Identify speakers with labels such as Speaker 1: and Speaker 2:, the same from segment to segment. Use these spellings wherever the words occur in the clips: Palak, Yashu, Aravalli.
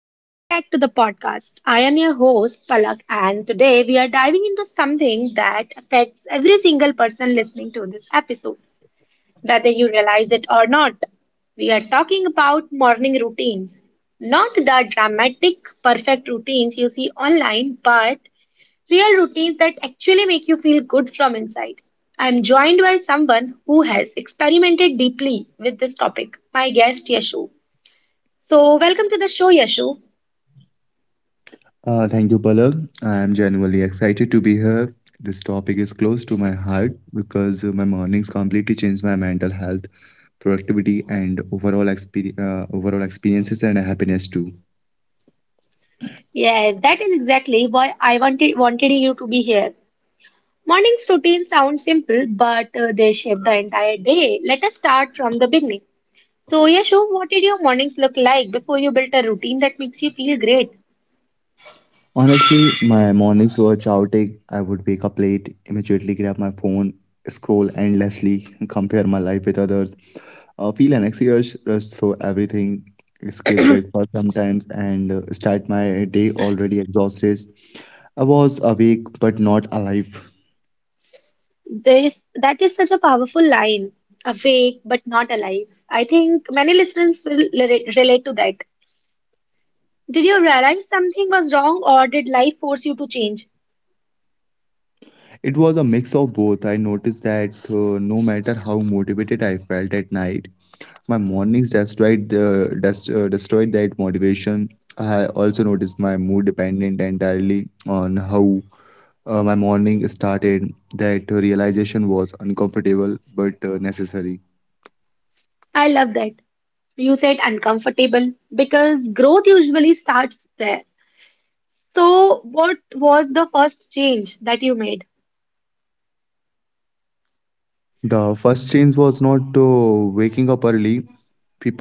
Speaker 1: Welcome back to the podcast. I am your host, Palak, and today we are diving into something that affects every single person listening to this episode, whether you realize it or not. We are talking about morning routines. Not the dramatic, perfect routines you see online, but real routines that actually make you feel good from inside. I'm joined by someone who has experimented deeply with this topic, my guest Yashu. So, welcome to the show, Yashu.
Speaker 2: Thank you, Palak. I am genuinely excited to be here. This topic is close to my heart because my mornings completely changed my mental health, productivity, and overall overall experiences and happiness too.
Speaker 1: Yeah, that is exactly why I wanted you to be here. Morning's routine sounds simple, but they shape the entire day. Let us start from the beginning. So, Yashu, what did your mornings look like before you built a routine that makes you feel great?
Speaker 2: Honestly, my mornings were chaotic. I would wake up late, immediately grab my phone, scroll endlessly, compare my life with others, feel anxious, rush through everything, skip breakfast sometimes, and start my day already exhausted. I was awake but not alive.
Speaker 1: This that is such a powerful line. Awake but not alive. I think many listeners will relate to that. Did you realize something was wrong, or did life force you to change?
Speaker 2: It was a mix of both. I noticed that no matter how motivated I felt at night, my mornings destroyed the destroyed that motivation. I also noticed my mood dependent entirely on how my morning started. That realization was uncomfortable but necessary.
Speaker 1: I love that. You said uncomfortable because growth usually starts there. So, what was the first change that you made?
Speaker 2: The first change was not waking up early.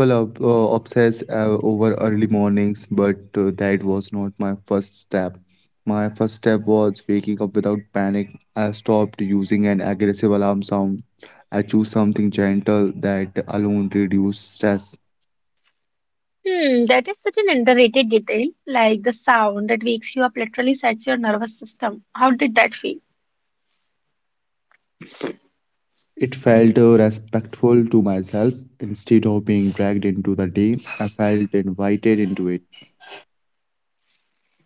Speaker 2: People are obsessed over early mornings, but that was not my first step. My first step was waking up without panic. I stopped using an aggressive alarm sound. I chose something gentle. That alone reduced stress.
Speaker 1: Hmm, that is such an underrated detail, like the sound that wakes you up literally sets your nervous system. How did that feel?
Speaker 2: It felt respectful to myself. Instead of being dragged into the day, I felt invited into it.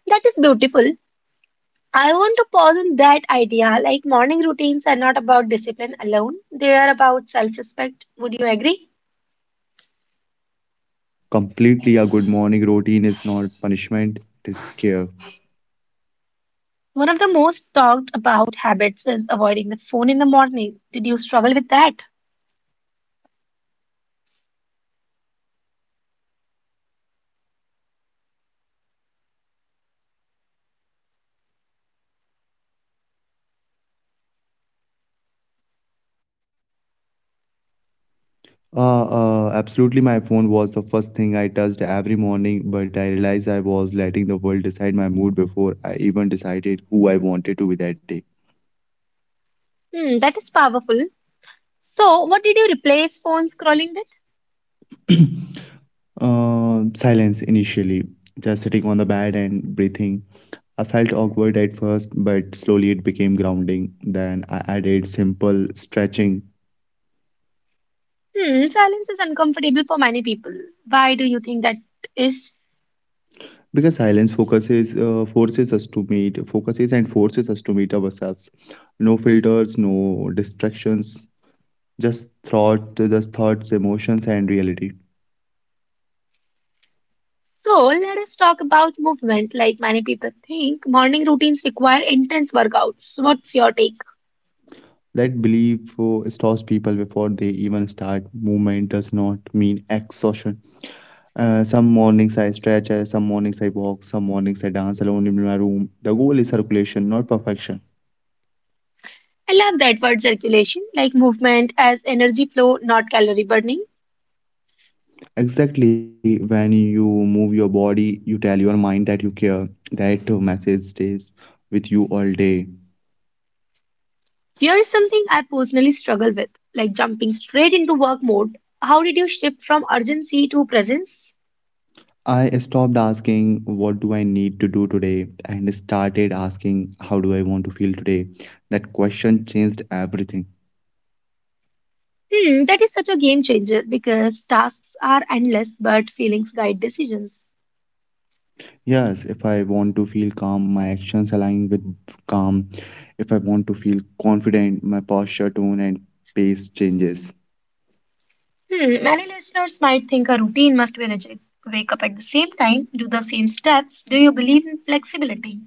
Speaker 1: That is beautiful. I want to pause on that idea. Like morning routines are not about discipline alone, they are about self respect. Would you agree?
Speaker 2: Completely. A good morning routine is not punishment, it is care.
Speaker 1: One of the most talked about habits is avoiding the phone in the morning. Did you struggle with that?
Speaker 2: Absolutely, my phone was the first thing I touched every morning, but I realized I was letting the world decide my mood before I even decided who I wanted to be that day.
Speaker 1: Hmm, that is powerful. So, what did you replace phone scrolling with?
Speaker 2: Silence initially, just sitting on the bed and breathing. I felt awkward at first, but slowly it became grounding. Then I added simple stretching
Speaker 1: Hmm, silence is uncomfortable for many people. Why do you think that is?
Speaker 2: because silence focuses and forces us to meet ourselves. No filters, no distractions, just thoughts, emotions, and reality.
Speaker 1: So, let us talk about movement. Like many people think, morning routines require intense workouts. What's your take?
Speaker 2: That belief stops people before they even start. Movement does not mean exhaustion. Some mornings I stretch, some mornings I walk, some mornings I dance alone in my room. The goal is circulation, not perfection.
Speaker 1: I love that word circulation, like movement as energy flow, not calorie burning.
Speaker 2: Exactly. When you move your body, you tell your mind that you care. That message stays with you all day.
Speaker 1: Here is something I personally struggle with, like jumping straight into work mode. How did you shift from urgency to presence?
Speaker 2: I stopped asking, "What do I need to do today?" and started asking, "How do I want to feel today?" That question changed everything.
Speaker 1: Hmm, that is such a game changer because tasks are endless, but feelings guide decisions.
Speaker 2: Yes, if I want to feel calm, my actions align with calm. If I want to feel confident, my posture, tone, and pace changes.
Speaker 1: Hmm, many listeners might think a routine must be rigid. Wake up at the same time, do the same steps. Do you believe in flexibility?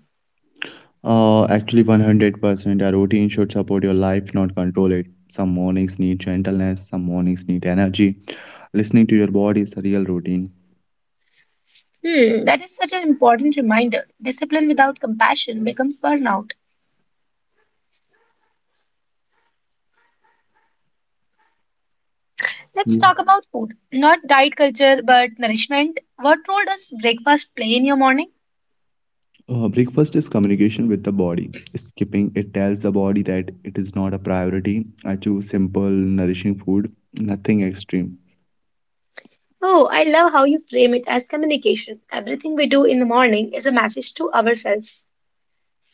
Speaker 2: Actually, 100% a routine should support your life, not control it. Some mornings need gentleness, some mornings need energy. Listening to your body is a real routine.
Speaker 1: Hmm, that is such an important reminder. Discipline without compassion becomes burnout. Let's talk
Speaker 2: Yeah.
Speaker 1: about food. Not diet culture, but nourishment. What role does breakfast play in your morning?
Speaker 2: Breakfast is communication with the body. Skipping it tells the body that it is not a priority. I choose simple, nourishing food, nothing extreme.
Speaker 1: Oh, I love how you frame it as communication. Everything we do in the morning is a message to ourselves.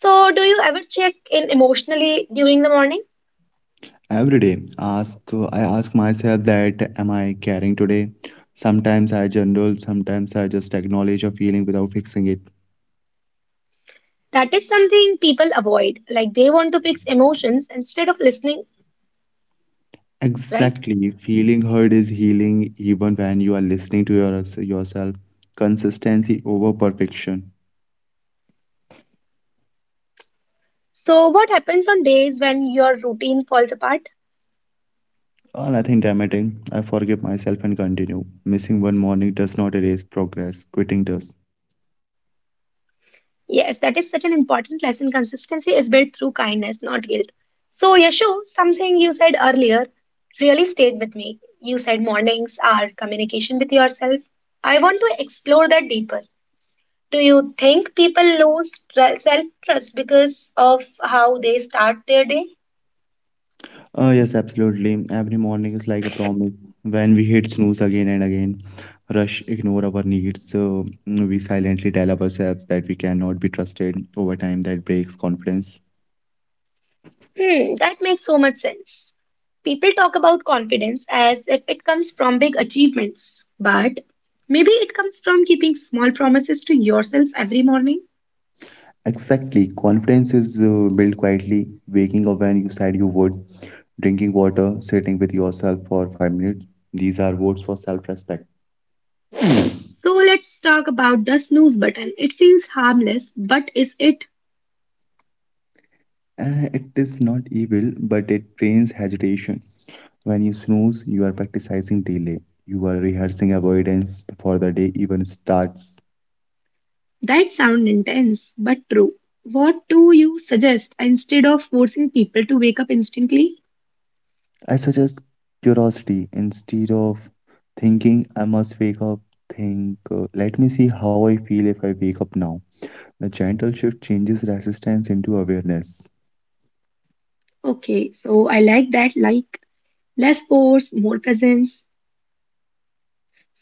Speaker 1: So, do you ever check in emotionally during the morning?
Speaker 2: Every day, ask I ask myself that, am I caring today? Sometimes I journal, sometimes I just acknowledge a feeling without fixing it.
Speaker 1: That is something people avoid. Like they want to fix emotions instead of listening, right?
Speaker 2: Exactly, feeling heard is healing even when you are listening to yourself. Consistency over perfection.
Speaker 1: So, what happens on days when your routine falls apart?
Speaker 2: Nothing dramatic. I forgive myself and continue. Missing one morning does not erase progress. Quitting does.
Speaker 1: Yes, that is such an important lesson. Consistency is built through kindness, not guilt. So, Yashu, something you said earlier really stayed with me. You said mornings are communication with yourself. I want to explore that deeper. Do you think people lose self-trust because of how they start their day?
Speaker 2: Yes, absolutely. Every morning is like a promise. When we hit snooze again and again, rush, ignore our needs, we silently tell ourselves that we cannot be trusted. Over time, that breaks confidence.
Speaker 1: Hmm, that makes so much sense. People talk about confidence as if it comes from big achievements, but maybe it comes from keeping small promises to yourself every morning.
Speaker 2: Exactly. Confidence is built quietly, waking up when you said you would, drinking water, sitting with yourself for 5 minutes. These are votes for self respect.
Speaker 1: So let's talk about the snooze button. It feels harmless, but is it?
Speaker 2: It is not evil, but it trains hesitation. When you snooze, you are practicing delay. You are rehearsing avoidance before the day even starts.
Speaker 1: That sound intense, but true. What do you suggest instead of forcing people to wake up instantly?
Speaker 2: I suggest curiosity instead of thinking I must wake up. Think, let me see how I feel if I wake up now. The gentle shift changes resistance into awareness.
Speaker 1: Okay, so I like that. Like less force, more presence.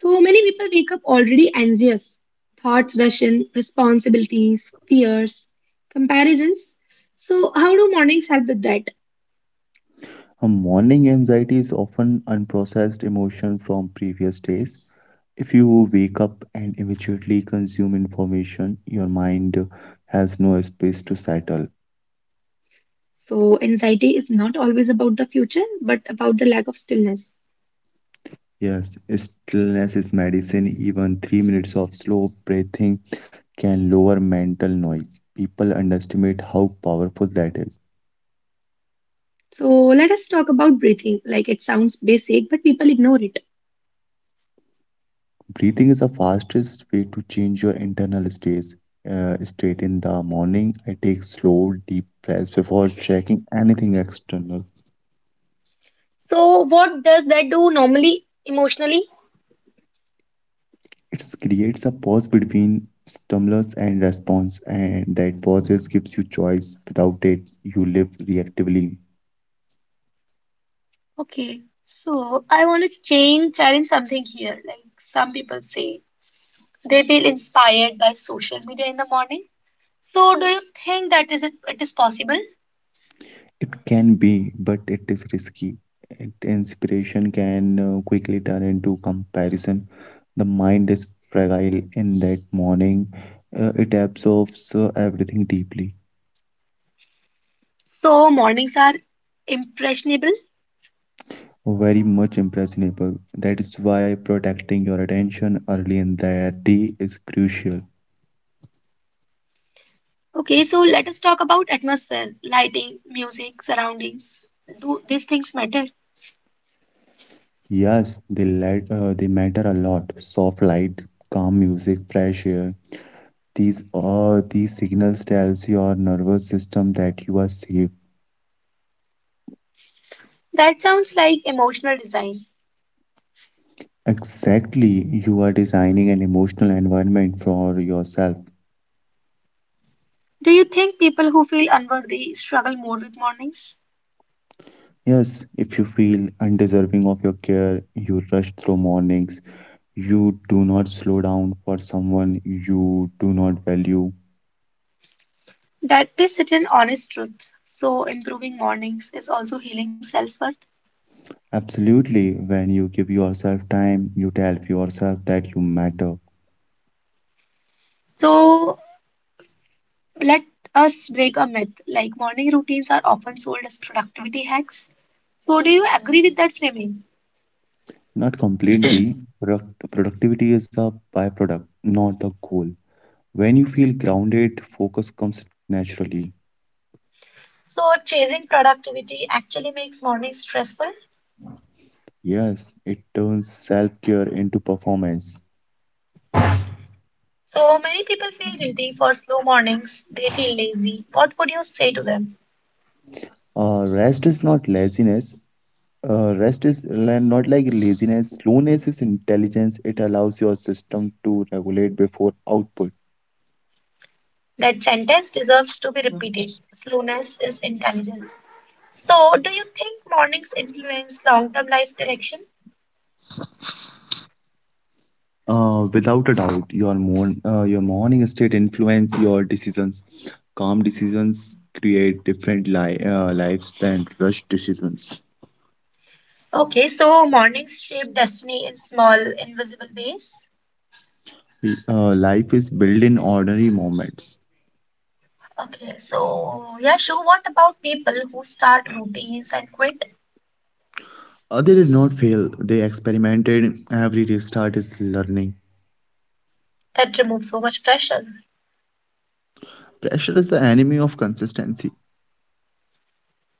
Speaker 1: So many people wake up already anxious. Thoughts rush in, responsibilities, fears, comparisons. So, how do mornings help with that?
Speaker 2: A morning anxiety is often unprocessed emotion from previous days. If you wake up and immediately consume information, your mind has no space to settle.
Speaker 1: So, anxiety is not always about the future, but about the lack of stillness.
Speaker 2: Yes, stillness is medicine. Even 3 minutes of slow breathing can lower mental noise. People underestimate how powerful that is.
Speaker 1: So, let us talk about breathing. Like it sounds basic, but people ignore it.
Speaker 2: Breathing is the fastest way to change your internal states. State in the morning, I take slow, deep breaths before checking anything external.
Speaker 1: So, what does that do normally, emotionally?
Speaker 2: It creates a pause between stimulus and response, and that pause gives you choice. Without it, you live reactively.
Speaker 1: Okay, so I want to change, challenge something here. Like some people say, they feel inspired by social media in the morning. So do you think that is it, it is possible?
Speaker 2: It can be, but it is risky. Inspiration can quickly turn into comparison. The mind is fragile in that morning. It absorbs everything deeply.
Speaker 1: So mornings are impressionable.
Speaker 2: Very much impressionable. That is why protecting your attention early in the day is crucial.
Speaker 1: Okay, so let us talk about atmosphere, lighting, music, surroundings. Do these things matter?
Speaker 2: Yes, they matter a lot. Soft light, calm music, fresh air. These signals tells your nervous system that you are safe.
Speaker 1: That sounds like emotional design.
Speaker 2: Exactly, you are designing an emotional environment for yourself.
Speaker 1: Do you think people who feel unworthy struggle more with mornings?
Speaker 2: Yes, if you feel undeserving of your care, you rush through mornings. You do not slow down for someone you do not value.
Speaker 1: That is such an honest truth. So improving mornings is also healing self-worth.
Speaker 2: Absolutely, when you give yourself time, you tell yourself that you matter.
Speaker 1: So let us break a myth like morning routines are often sold as productivity hacks. So, do you agree with that framing?
Speaker 2: Not completely, productivity is a byproduct, not the goal. When you feel grounded, focus comes naturally.
Speaker 1: So, chasing productivity actually makes mornings stressful.
Speaker 2: Yes, it turns self care into performance.
Speaker 1: So, many people feel guilty for slow mornings, they feel lazy. What would you say to them?
Speaker 2: Rest is not laziness. Not like laziness. Slowness is intelligence. It allows your system to regulate before output.
Speaker 1: That sentence deserves to be repeated. Slowness is intelligence. So, do you think mornings influence long term life direction?
Speaker 2: Without a doubt, your your morning state influence your decisions. Calm decisions create different lives than rushed decisions.
Speaker 1: Okay, so mornings shape destiny in small, invisible ways.
Speaker 2: Life is built in ordinary moments.
Speaker 1: Okay, so yeah, sure. What about people who start routines and quit?
Speaker 2: They did not fail. They experimented. Every restart is learning.
Speaker 1: That removes so much pressure.
Speaker 2: Pressure is the enemy of consistency.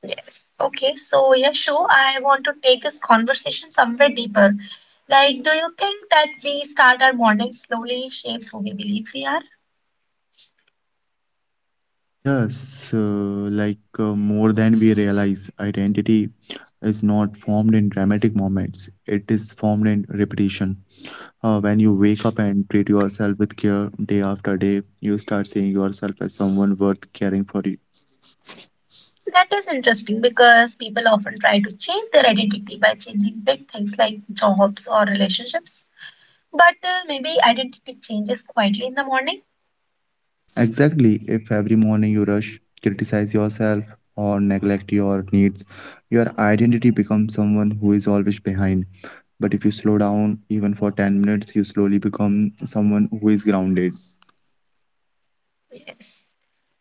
Speaker 1: Yes. Okay, so yeah, sure. I want to take this conversation somewhere deeper. Like, do you think that we start our morning slowly shapes who we believe we are?
Speaker 2: Yes, more than we realize, identity is not formed in dramatic moments. It is formed in repetition. When you wake up and treat yourself with care day after day, you start seeing yourself as someone worth caring for you.
Speaker 1: That is interesting because people often try to change their identity by changing big things like jobs or relationships. But maybe identity changes quietly in the morning.
Speaker 2: Exactly, if every morning you rush, criticize yourself, or neglect your needs, your identity becomes someone who is always behind. But if you slow down, even for 10 minutes, you slowly become someone who is grounded.
Speaker 1: Yes.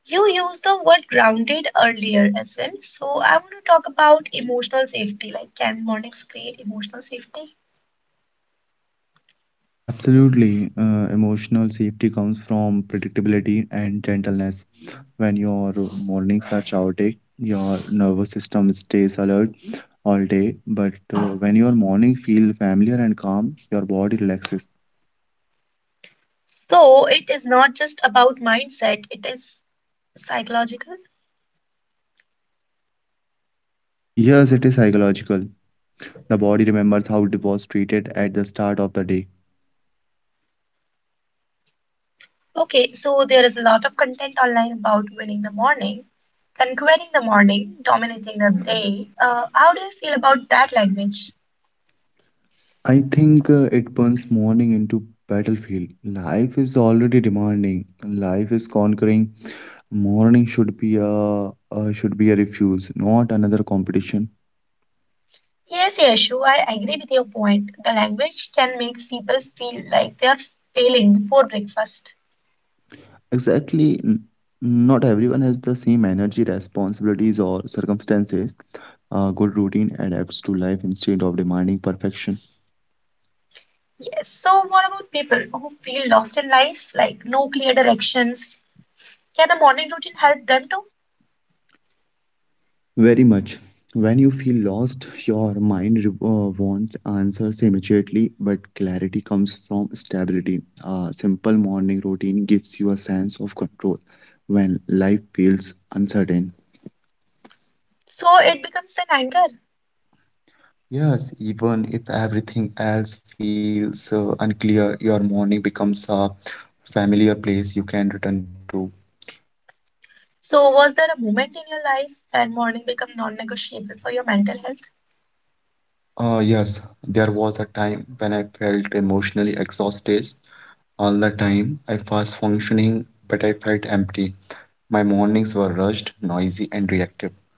Speaker 1: You used the word grounded earlier as well. So I want to talk about emotional safety. Like, can mornings create emotional safety?
Speaker 2: Absolutely. Emotional safety comes from predictability and gentleness. When your mornings are chaotic, your nervous system stays alert all day. But when your morning feel familiar and calm, your body relaxes.
Speaker 1: So it is not just about mindset, it is psychological.
Speaker 2: Yes, it is psychological. The body remembers how it was treated at the start of the day.
Speaker 1: Okay, so there is a lot of content online about winning the morning, conquering the morning, dominating the day. How do you feel about that language?
Speaker 2: I think it turns morning into battlefield. Life is already demanding. Life is conquering. Morning should be a refuse, not another competition.
Speaker 1: Yes, Yashu, I agree with your point. The language can make people feel like they are failing before breakfast.
Speaker 2: Exactly. Not everyone has the same energy, responsibilities, or circumstances. A good routine adapts to life instead of demanding perfection.
Speaker 1: Yes. So, what about people who feel lost in life, like no clear directions? Can a morning routine help them too?
Speaker 2: Very much. When you feel lost, your mind wants answers immediately, but clarity comes from stability. A simple morning routine gives you a sense of control when life feels uncertain.
Speaker 1: So it becomes an anchor.
Speaker 2: Yes, even if everything else feels unclear, your morning becomes a familiar place you can return to.
Speaker 1: So, was there a moment in your life when morning became non-negotiable for your mental health?
Speaker 2: Yes, there was a time when I felt emotionally exhausted all the time. I was functioning, but I felt empty. My mornings were rushed, noisy, and reactive.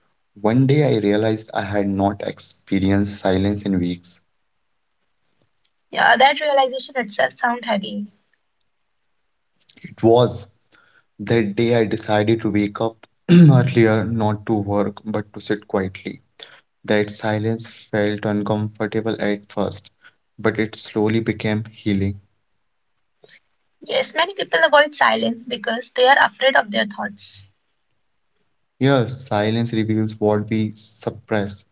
Speaker 2: One day I realized I had not experienced silence in weeks.
Speaker 1: Yeah, that realization itself sound heavy.
Speaker 2: It was that day I decided to wake up earlier, not to work, but to sit quietly. That silence felt uncomfortable at first, but it slowly became healing.
Speaker 1: Yes, many people avoid silence because they are afraid of their thoughts.
Speaker 2: Yes, silence reveals what we suppress,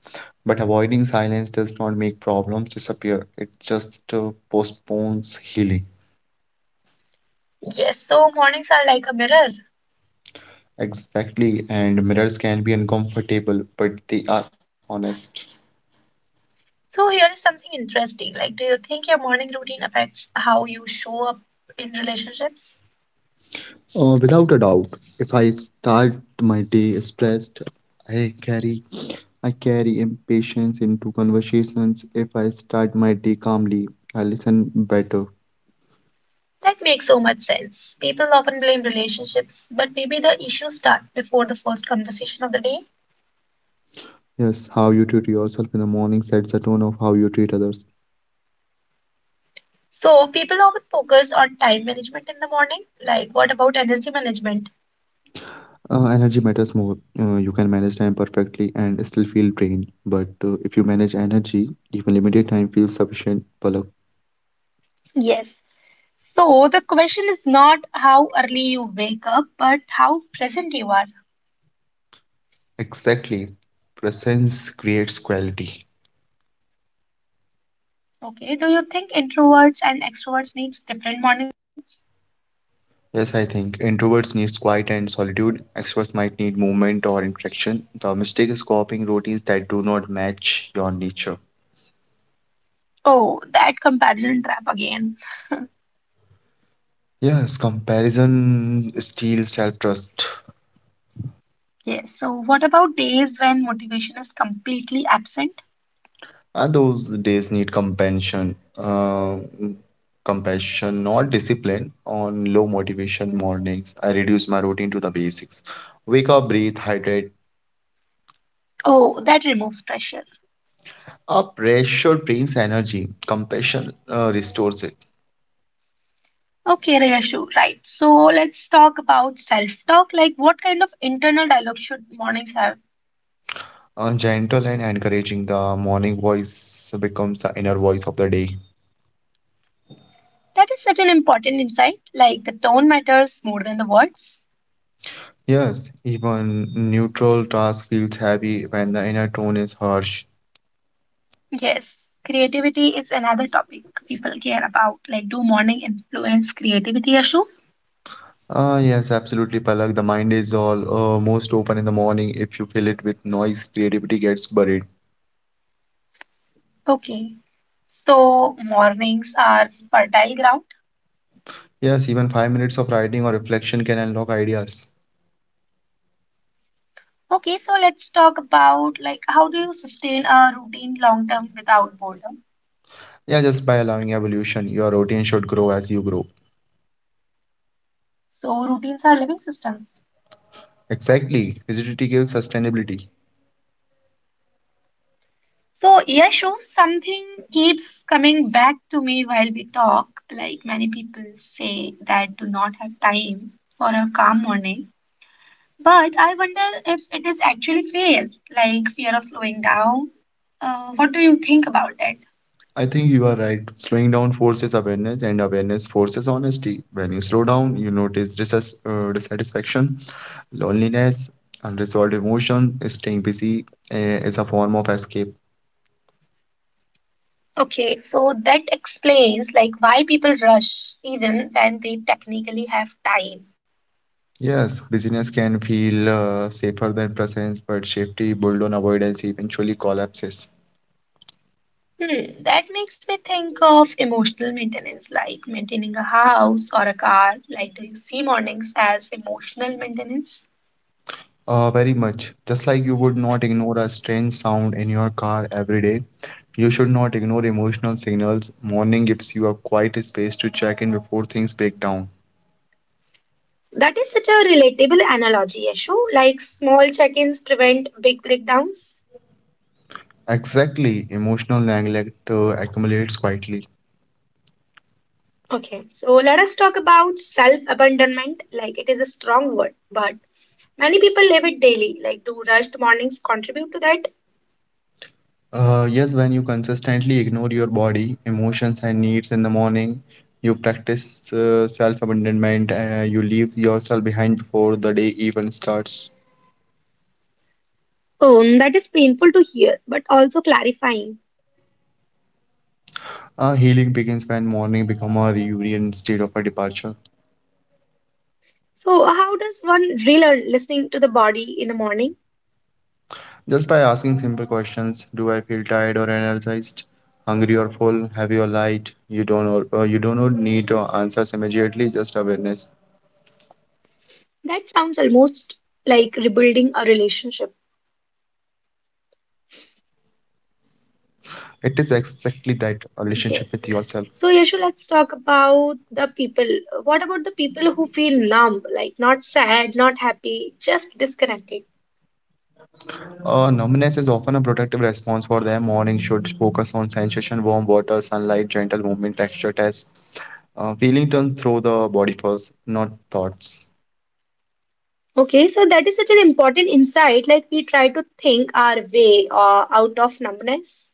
Speaker 2: but avoiding silence does not make problems disappear. It just postpones healing.
Speaker 1: Yes, so mornings are like a mirror.
Speaker 2: Exactly, and mirrors can be uncomfortable, but they are honest.
Speaker 1: So here is something interesting. Like, do you think your morning routine affects how you show up in relationships?
Speaker 2: Without a doubt, if I start my day stressed, I carry I carry impatience into conversations. If I start my day calmly, I listen better.
Speaker 1: That makes so much sense. People often blame relationships, but maybe the issues start before the first conversation of the day.
Speaker 2: Yes, how you treat yourself in the morning sets the tone of how you treat others.
Speaker 1: So, people often focus on time management in the morning. Like, what about energy management?
Speaker 2: Energy matters more. You can manage time perfectly and still feel drained. But if you manage energy, even limited time feels sufficient, Palak.
Speaker 1: Yes. So the question is not how early you wake up, but how present you are.
Speaker 2: Exactly. Presence creates quality.
Speaker 1: Okay. Do you think introverts and extroverts needs different mornings?
Speaker 2: Yes, I think introverts needs quiet and solitude. Extroverts might need movement or interaction. The mistake is copying routines that do not match your nature.
Speaker 1: Oh, that comparison trap again.
Speaker 2: Yes, comparison steals self-trust.
Speaker 1: Yes. So what about days when motivation is completely absent?
Speaker 2: And those days need compassion, compassion, not discipline. On low motivation mornings, I reduce my routine to the basics. Wake up, breathe, hydrate.
Speaker 1: Oh, that removes pressure.
Speaker 2: A pressure brings energy. Compassion restores it.
Speaker 1: Okay, Riyashu, right. So let's talk about self-talk. Like, what kind of internal dialogue should mornings have?
Speaker 2: Gentle and encouraging, the morning voice becomes the inner voice of the day.
Speaker 1: That is such an important insight. Like, the tone matters more than the words.
Speaker 2: Yes, even neutral task feels heavy when the inner tone is harsh.
Speaker 1: Yes, creativity is another topic people care about. Like, do morning influence creativity, Riyashu?
Speaker 2: Ah, yes, absolutely, Palak. The mind is all most open in the morning. If you fill it with noise, creativity gets buried.
Speaker 1: Okay. So mornings are fertile ground.
Speaker 2: Yes, even 5 minutes of writing or reflection can unlock ideas.
Speaker 1: Okay, so let's talk about like how do you sustain a routine long term without boredom?
Speaker 2: Yeah, just by allowing evolution, your routine should grow as you grow.
Speaker 1: So routines are living systems.
Speaker 2: Exactly. Rigidity kills sustainability.
Speaker 1: So, Yashu, something keeps coming back to me while we talk. Like many people say that do not have time for a calm morning. But I wonder if it is actually fear, like fear of slowing down. What do you think about that?
Speaker 2: I think you are right. Slowing down forces awareness, and awareness forces honesty. When you slow down, you notice dissatisfaction, loneliness, unresolved emotion. Staying busy is a form of escape.
Speaker 1: Okay, so that explains like why people rush even when they technically have time.
Speaker 2: Yes, busyness can feel safer than presence, but safety built on avoidance eventually collapses.
Speaker 1: Hmm, that makes me think of emotional maintenance, like maintaining a house or a car. Like, do you see mornings as emotional maintenance?
Speaker 2: Very much. Just like you would not ignore a strange sound in your car every day, you should not ignore emotional signals. Morning gives you a quiet space to check in before things break down.
Speaker 1: That is such a relatable analogy, Yashu. Like small check ins prevent big breakdowns.
Speaker 2: Exactly, emotional neglect accumulates quietly.
Speaker 1: Okay, so let us talk about self abandonment. Like it is a strong word, but many people live it daily. Like, do rushed mornings contribute to that?
Speaker 2: Yes, when you consistently ignore your body, emotions, and needs in the morning, you practice self abandonment, you leave yourself behind before the day even starts.
Speaker 1: That is painful to hear, but also clarifying.
Speaker 2: Healing begins when morning become a reunion instead of a departure.
Speaker 1: So, how does one relearn listening to the body in the morning?
Speaker 2: Just by asking simple questions, do I feel tired or energized, hungry or full, heavy or light? You don't know, You do not need answers immediately, just awareness.
Speaker 1: That sounds almost like rebuilding a relationship.
Speaker 2: It is exactly that a relationship with yourself.
Speaker 1: Yes. So, Yashu, let's talk about the people. What about the people who feel numb, like not sad, not happy, just disconnected?
Speaker 2: Numbness is often a protective response for them. Morning should focus on sensation, warm water, sunlight, gentle movement, texture test. Feeling turns through the body first, not thoughts.
Speaker 1: Okay, so that is such an important insight. Like we try to think our way out of numbness.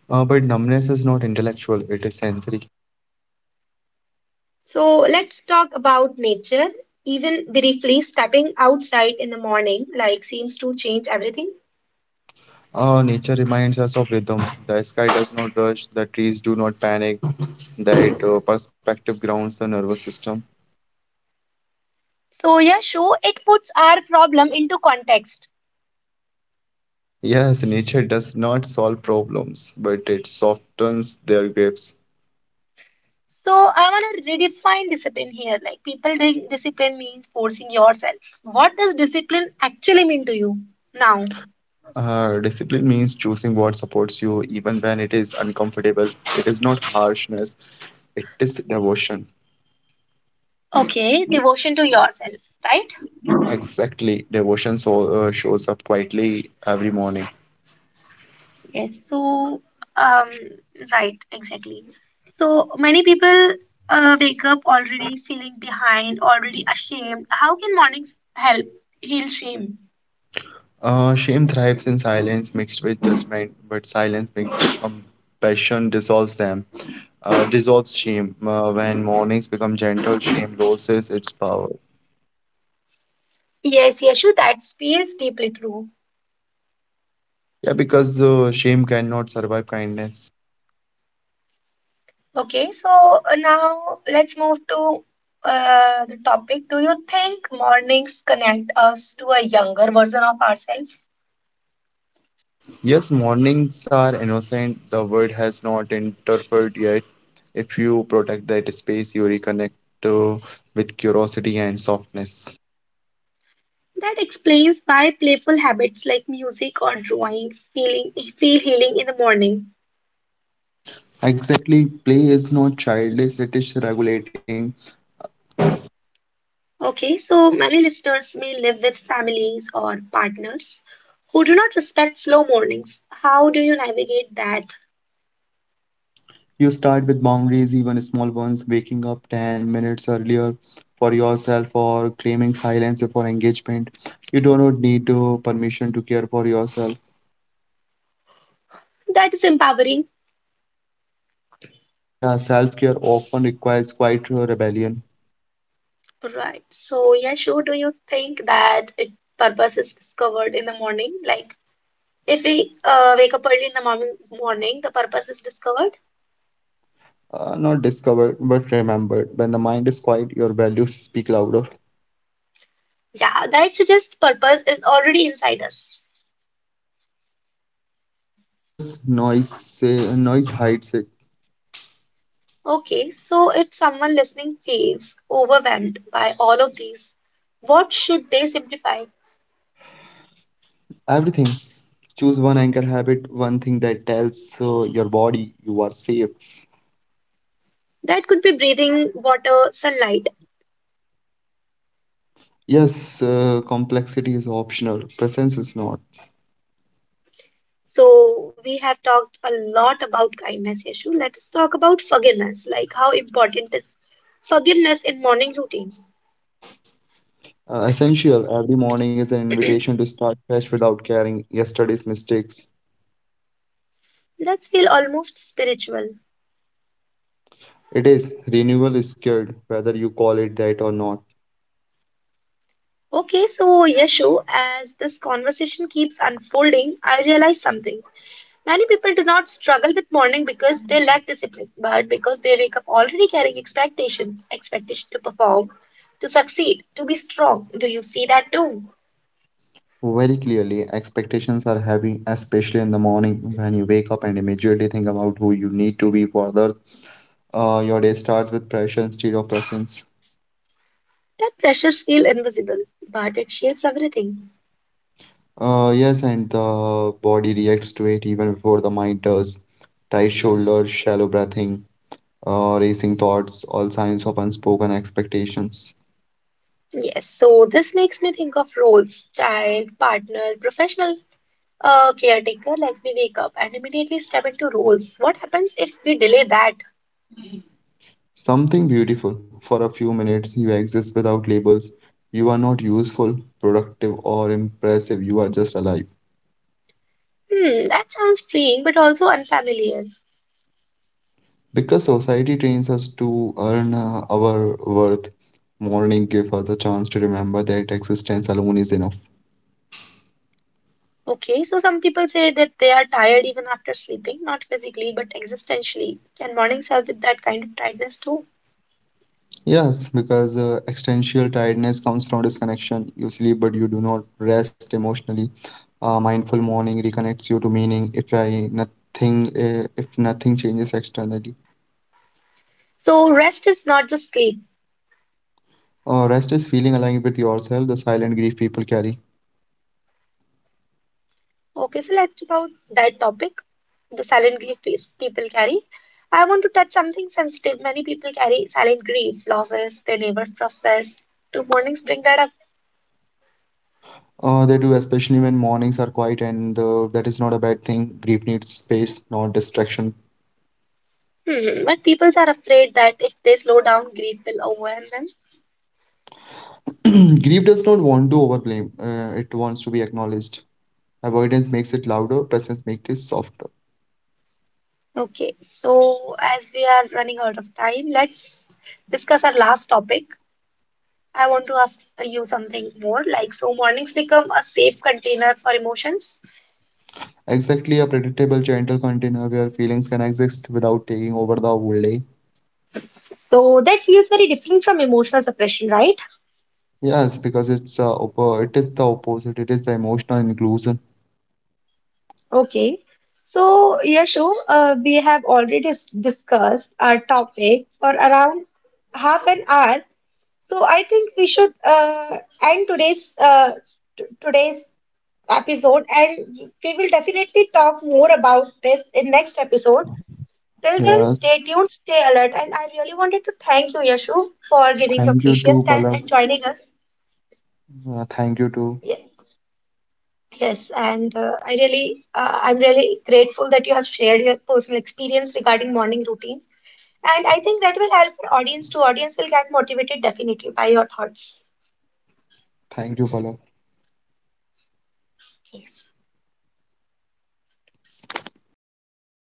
Speaker 2: But numbness is not intellectual, it is sensory.
Speaker 1: So, let's talk about nature. Even briefly, stepping outside in the morning, like, seems to change everything.
Speaker 2: Nature reminds us of rhythm. The sky does not rush, the trees do not panic, that perspective grounds the nervous system.
Speaker 1: So, Yashu, it puts our problem into context.
Speaker 2: Yes, nature does not solve problems, but it softens their grips.
Speaker 1: So I want to redefine discipline here. Like people think discipline means forcing yourself. What does discipline actually mean to you now?
Speaker 2: Discipline means choosing what supports you even when it is uncomfortable. It is not harshness, it is devotion.
Speaker 1: Okay, devotion to yourself, right?
Speaker 2: Exactly, devotion shows up quietly every morning.
Speaker 1: Yes. So um, right, exactly. So many people wake up already feeling behind, already ashamed. How can mornings help heal shame?
Speaker 2: Shame thrives in silence mixed with judgment, but silence mixed with compassion dissolves them. Dissolves shame. When mornings become gentle, shame loses its power.
Speaker 1: Yes, Yashu, that feels deeply true.
Speaker 2: Yeah, because shame cannot survive kindness.
Speaker 1: Okay, so now let's move to the topic. Do you think mornings connect us to a younger version of ourselves?
Speaker 2: Yes, mornings are innocent. The world has not interfered yet. If you protect that space, you reconnect uh, with curiosity and softness.
Speaker 1: That explains why playful habits like music or drawing feel healing in the morning.
Speaker 2: Exactly. Play is not childish, it is regulating.
Speaker 1: Okay, so many listeners may live with families or partners who do not respect slow mornings. How do you navigate that?
Speaker 2: You start with boundaries, even small ones, waking up 10 minutes earlier for yourself or claiming silence before engagement. You do not need permission to care for yourself.
Speaker 1: That is empowering.
Speaker 2: Yeah, self-care often requires quite a rebellion.
Speaker 1: Right. So, yeah, sure. Do you think that it purpose is discovered in the morning? Like if we wake up early in the morning, the purpose is discovered.
Speaker 2: Not discovered but remembered. When the mind is quiet, your values speak louder.
Speaker 1: Yeah, that suggests purpose is already inside us.
Speaker 2: Yes, noise hides it.
Speaker 1: Okay, so if someone listening feels overwhelmed by all of these, what should they simplify?
Speaker 2: Everything. Choose one anchor habit, one thing that tells your body you are safe.
Speaker 1: That could be breathing, water, sunlight.
Speaker 2: Yes, complexity is optional. Presence is not.
Speaker 1: So we have talked a lot about kindness issue. Let's talk about forgiveness, like how important is forgiveness in morning routines.
Speaker 2: Essential. Every morning is an invitation to start fresh without carrying yesterday's mistakes.
Speaker 1: Let's feel almost spiritual.
Speaker 2: It is renewal is scared, whether you call it that or not.
Speaker 1: Okay, so Yashu, as this conversation keeps unfolding, I realize something. Many people do not struggle with morning because they lack discipline, but because they wake up already carrying expectations, expectation to perform, to succeed, to be strong. Do you see that too?
Speaker 2: Very clearly, expectations are heavy, especially in the morning when you wake up and immediately think about who you need to be for others. Your day starts with pressure instead of presence.
Speaker 1: That pressures feel invisible, but it shapes everything.
Speaker 2: Yes, and the body reacts to it even before the mind does. Tight shoulders, shallow breathing, racing thoughts, all signs of unspoken expectations.
Speaker 1: Yes, so this makes me think of roles, child, partner, professional, caretaker, like we wake up and immediately step into roles. What happens if we delay that?
Speaker 2: Something beautiful. For a few minutes, you exist without labels. You are not useful, productive, or impressive. You are just alive.
Speaker 1: Hmm, that sounds freeing, but also unfamiliar.
Speaker 2: Because society trains us to earn our worth, morning gives us a chance to remember that existence alone is enough.
Speaker 1: Okay, so some people say that they are tired even after sleeping, not physically, but existentially. Can mornings help with that kind of tiredness too?
Speaker 2: Yes, because existential tiredness comes from disconnection. You sleep, but you do not rest emotionally. A mindful morning reconnects you to meaning. If nothing changes externally,
Speaker 1: So rest is not just sleep.
Speaker 2: rest is feeling aligned with yourself. The silent grief people carry.
Speaker 1: Okay, so let's about that topic, the silent grief piece people carry. I want to touch something sensitive. Many people carry silent grief, losses they never process. Do mornings bring that up?
Speaker 2: They do, especially when mornings are quiet, and that is not a bad thing. Grief needs space, not distraction.
Speaker 1: Hmm, but people are afraid that if they slow down, grief will overwhelm them.
Speaker 2: Grief does not want to overblame, it wants to be acknowledged. Avoidance makes it louder, presence makes it softer.
Speaker 1: Okay, so as we are running out of time, let's discuss our last topic. I want to ask you something more like, so mornings become a safe container for emotions.
Speaker 2: Exactly a predictable, gentle container where feelings can exist without taking over the whole day.
Speaker 1: So that feels very different from emotional suppression, right?
Speaker 2: Yes, because it is the opposite, it is the emotional inclusion.
Speaker 1: Okay. So, Yashu, we have already discussed our topic for around half an hour. So I think we should end today's today's episode, and we will definitely talk more about this in next episode. Till
Speaker 2: Yes,
Speaker 1: then, stay tuned, stay alert, and I really wanted to thank you, Yashu, for
Speaker 2: thank
Speaker 1: giving
Speaker 2: you
Speaker 1: your
Speaker 2: too,
Speaker 1: precious
Speaker 2: Palak.
Speaker 1: time and joining us.
Speaker 2: Thank you too.
Speaker 1: Yes, yes, and I really, I'm really grateful that you have shared your personal experience regarding morning routines, and I think that will help our audience. To audience will get motivated definitely by your thoughts.
Speaker 2: Thank you, Palak.
Speaker 1: Yes.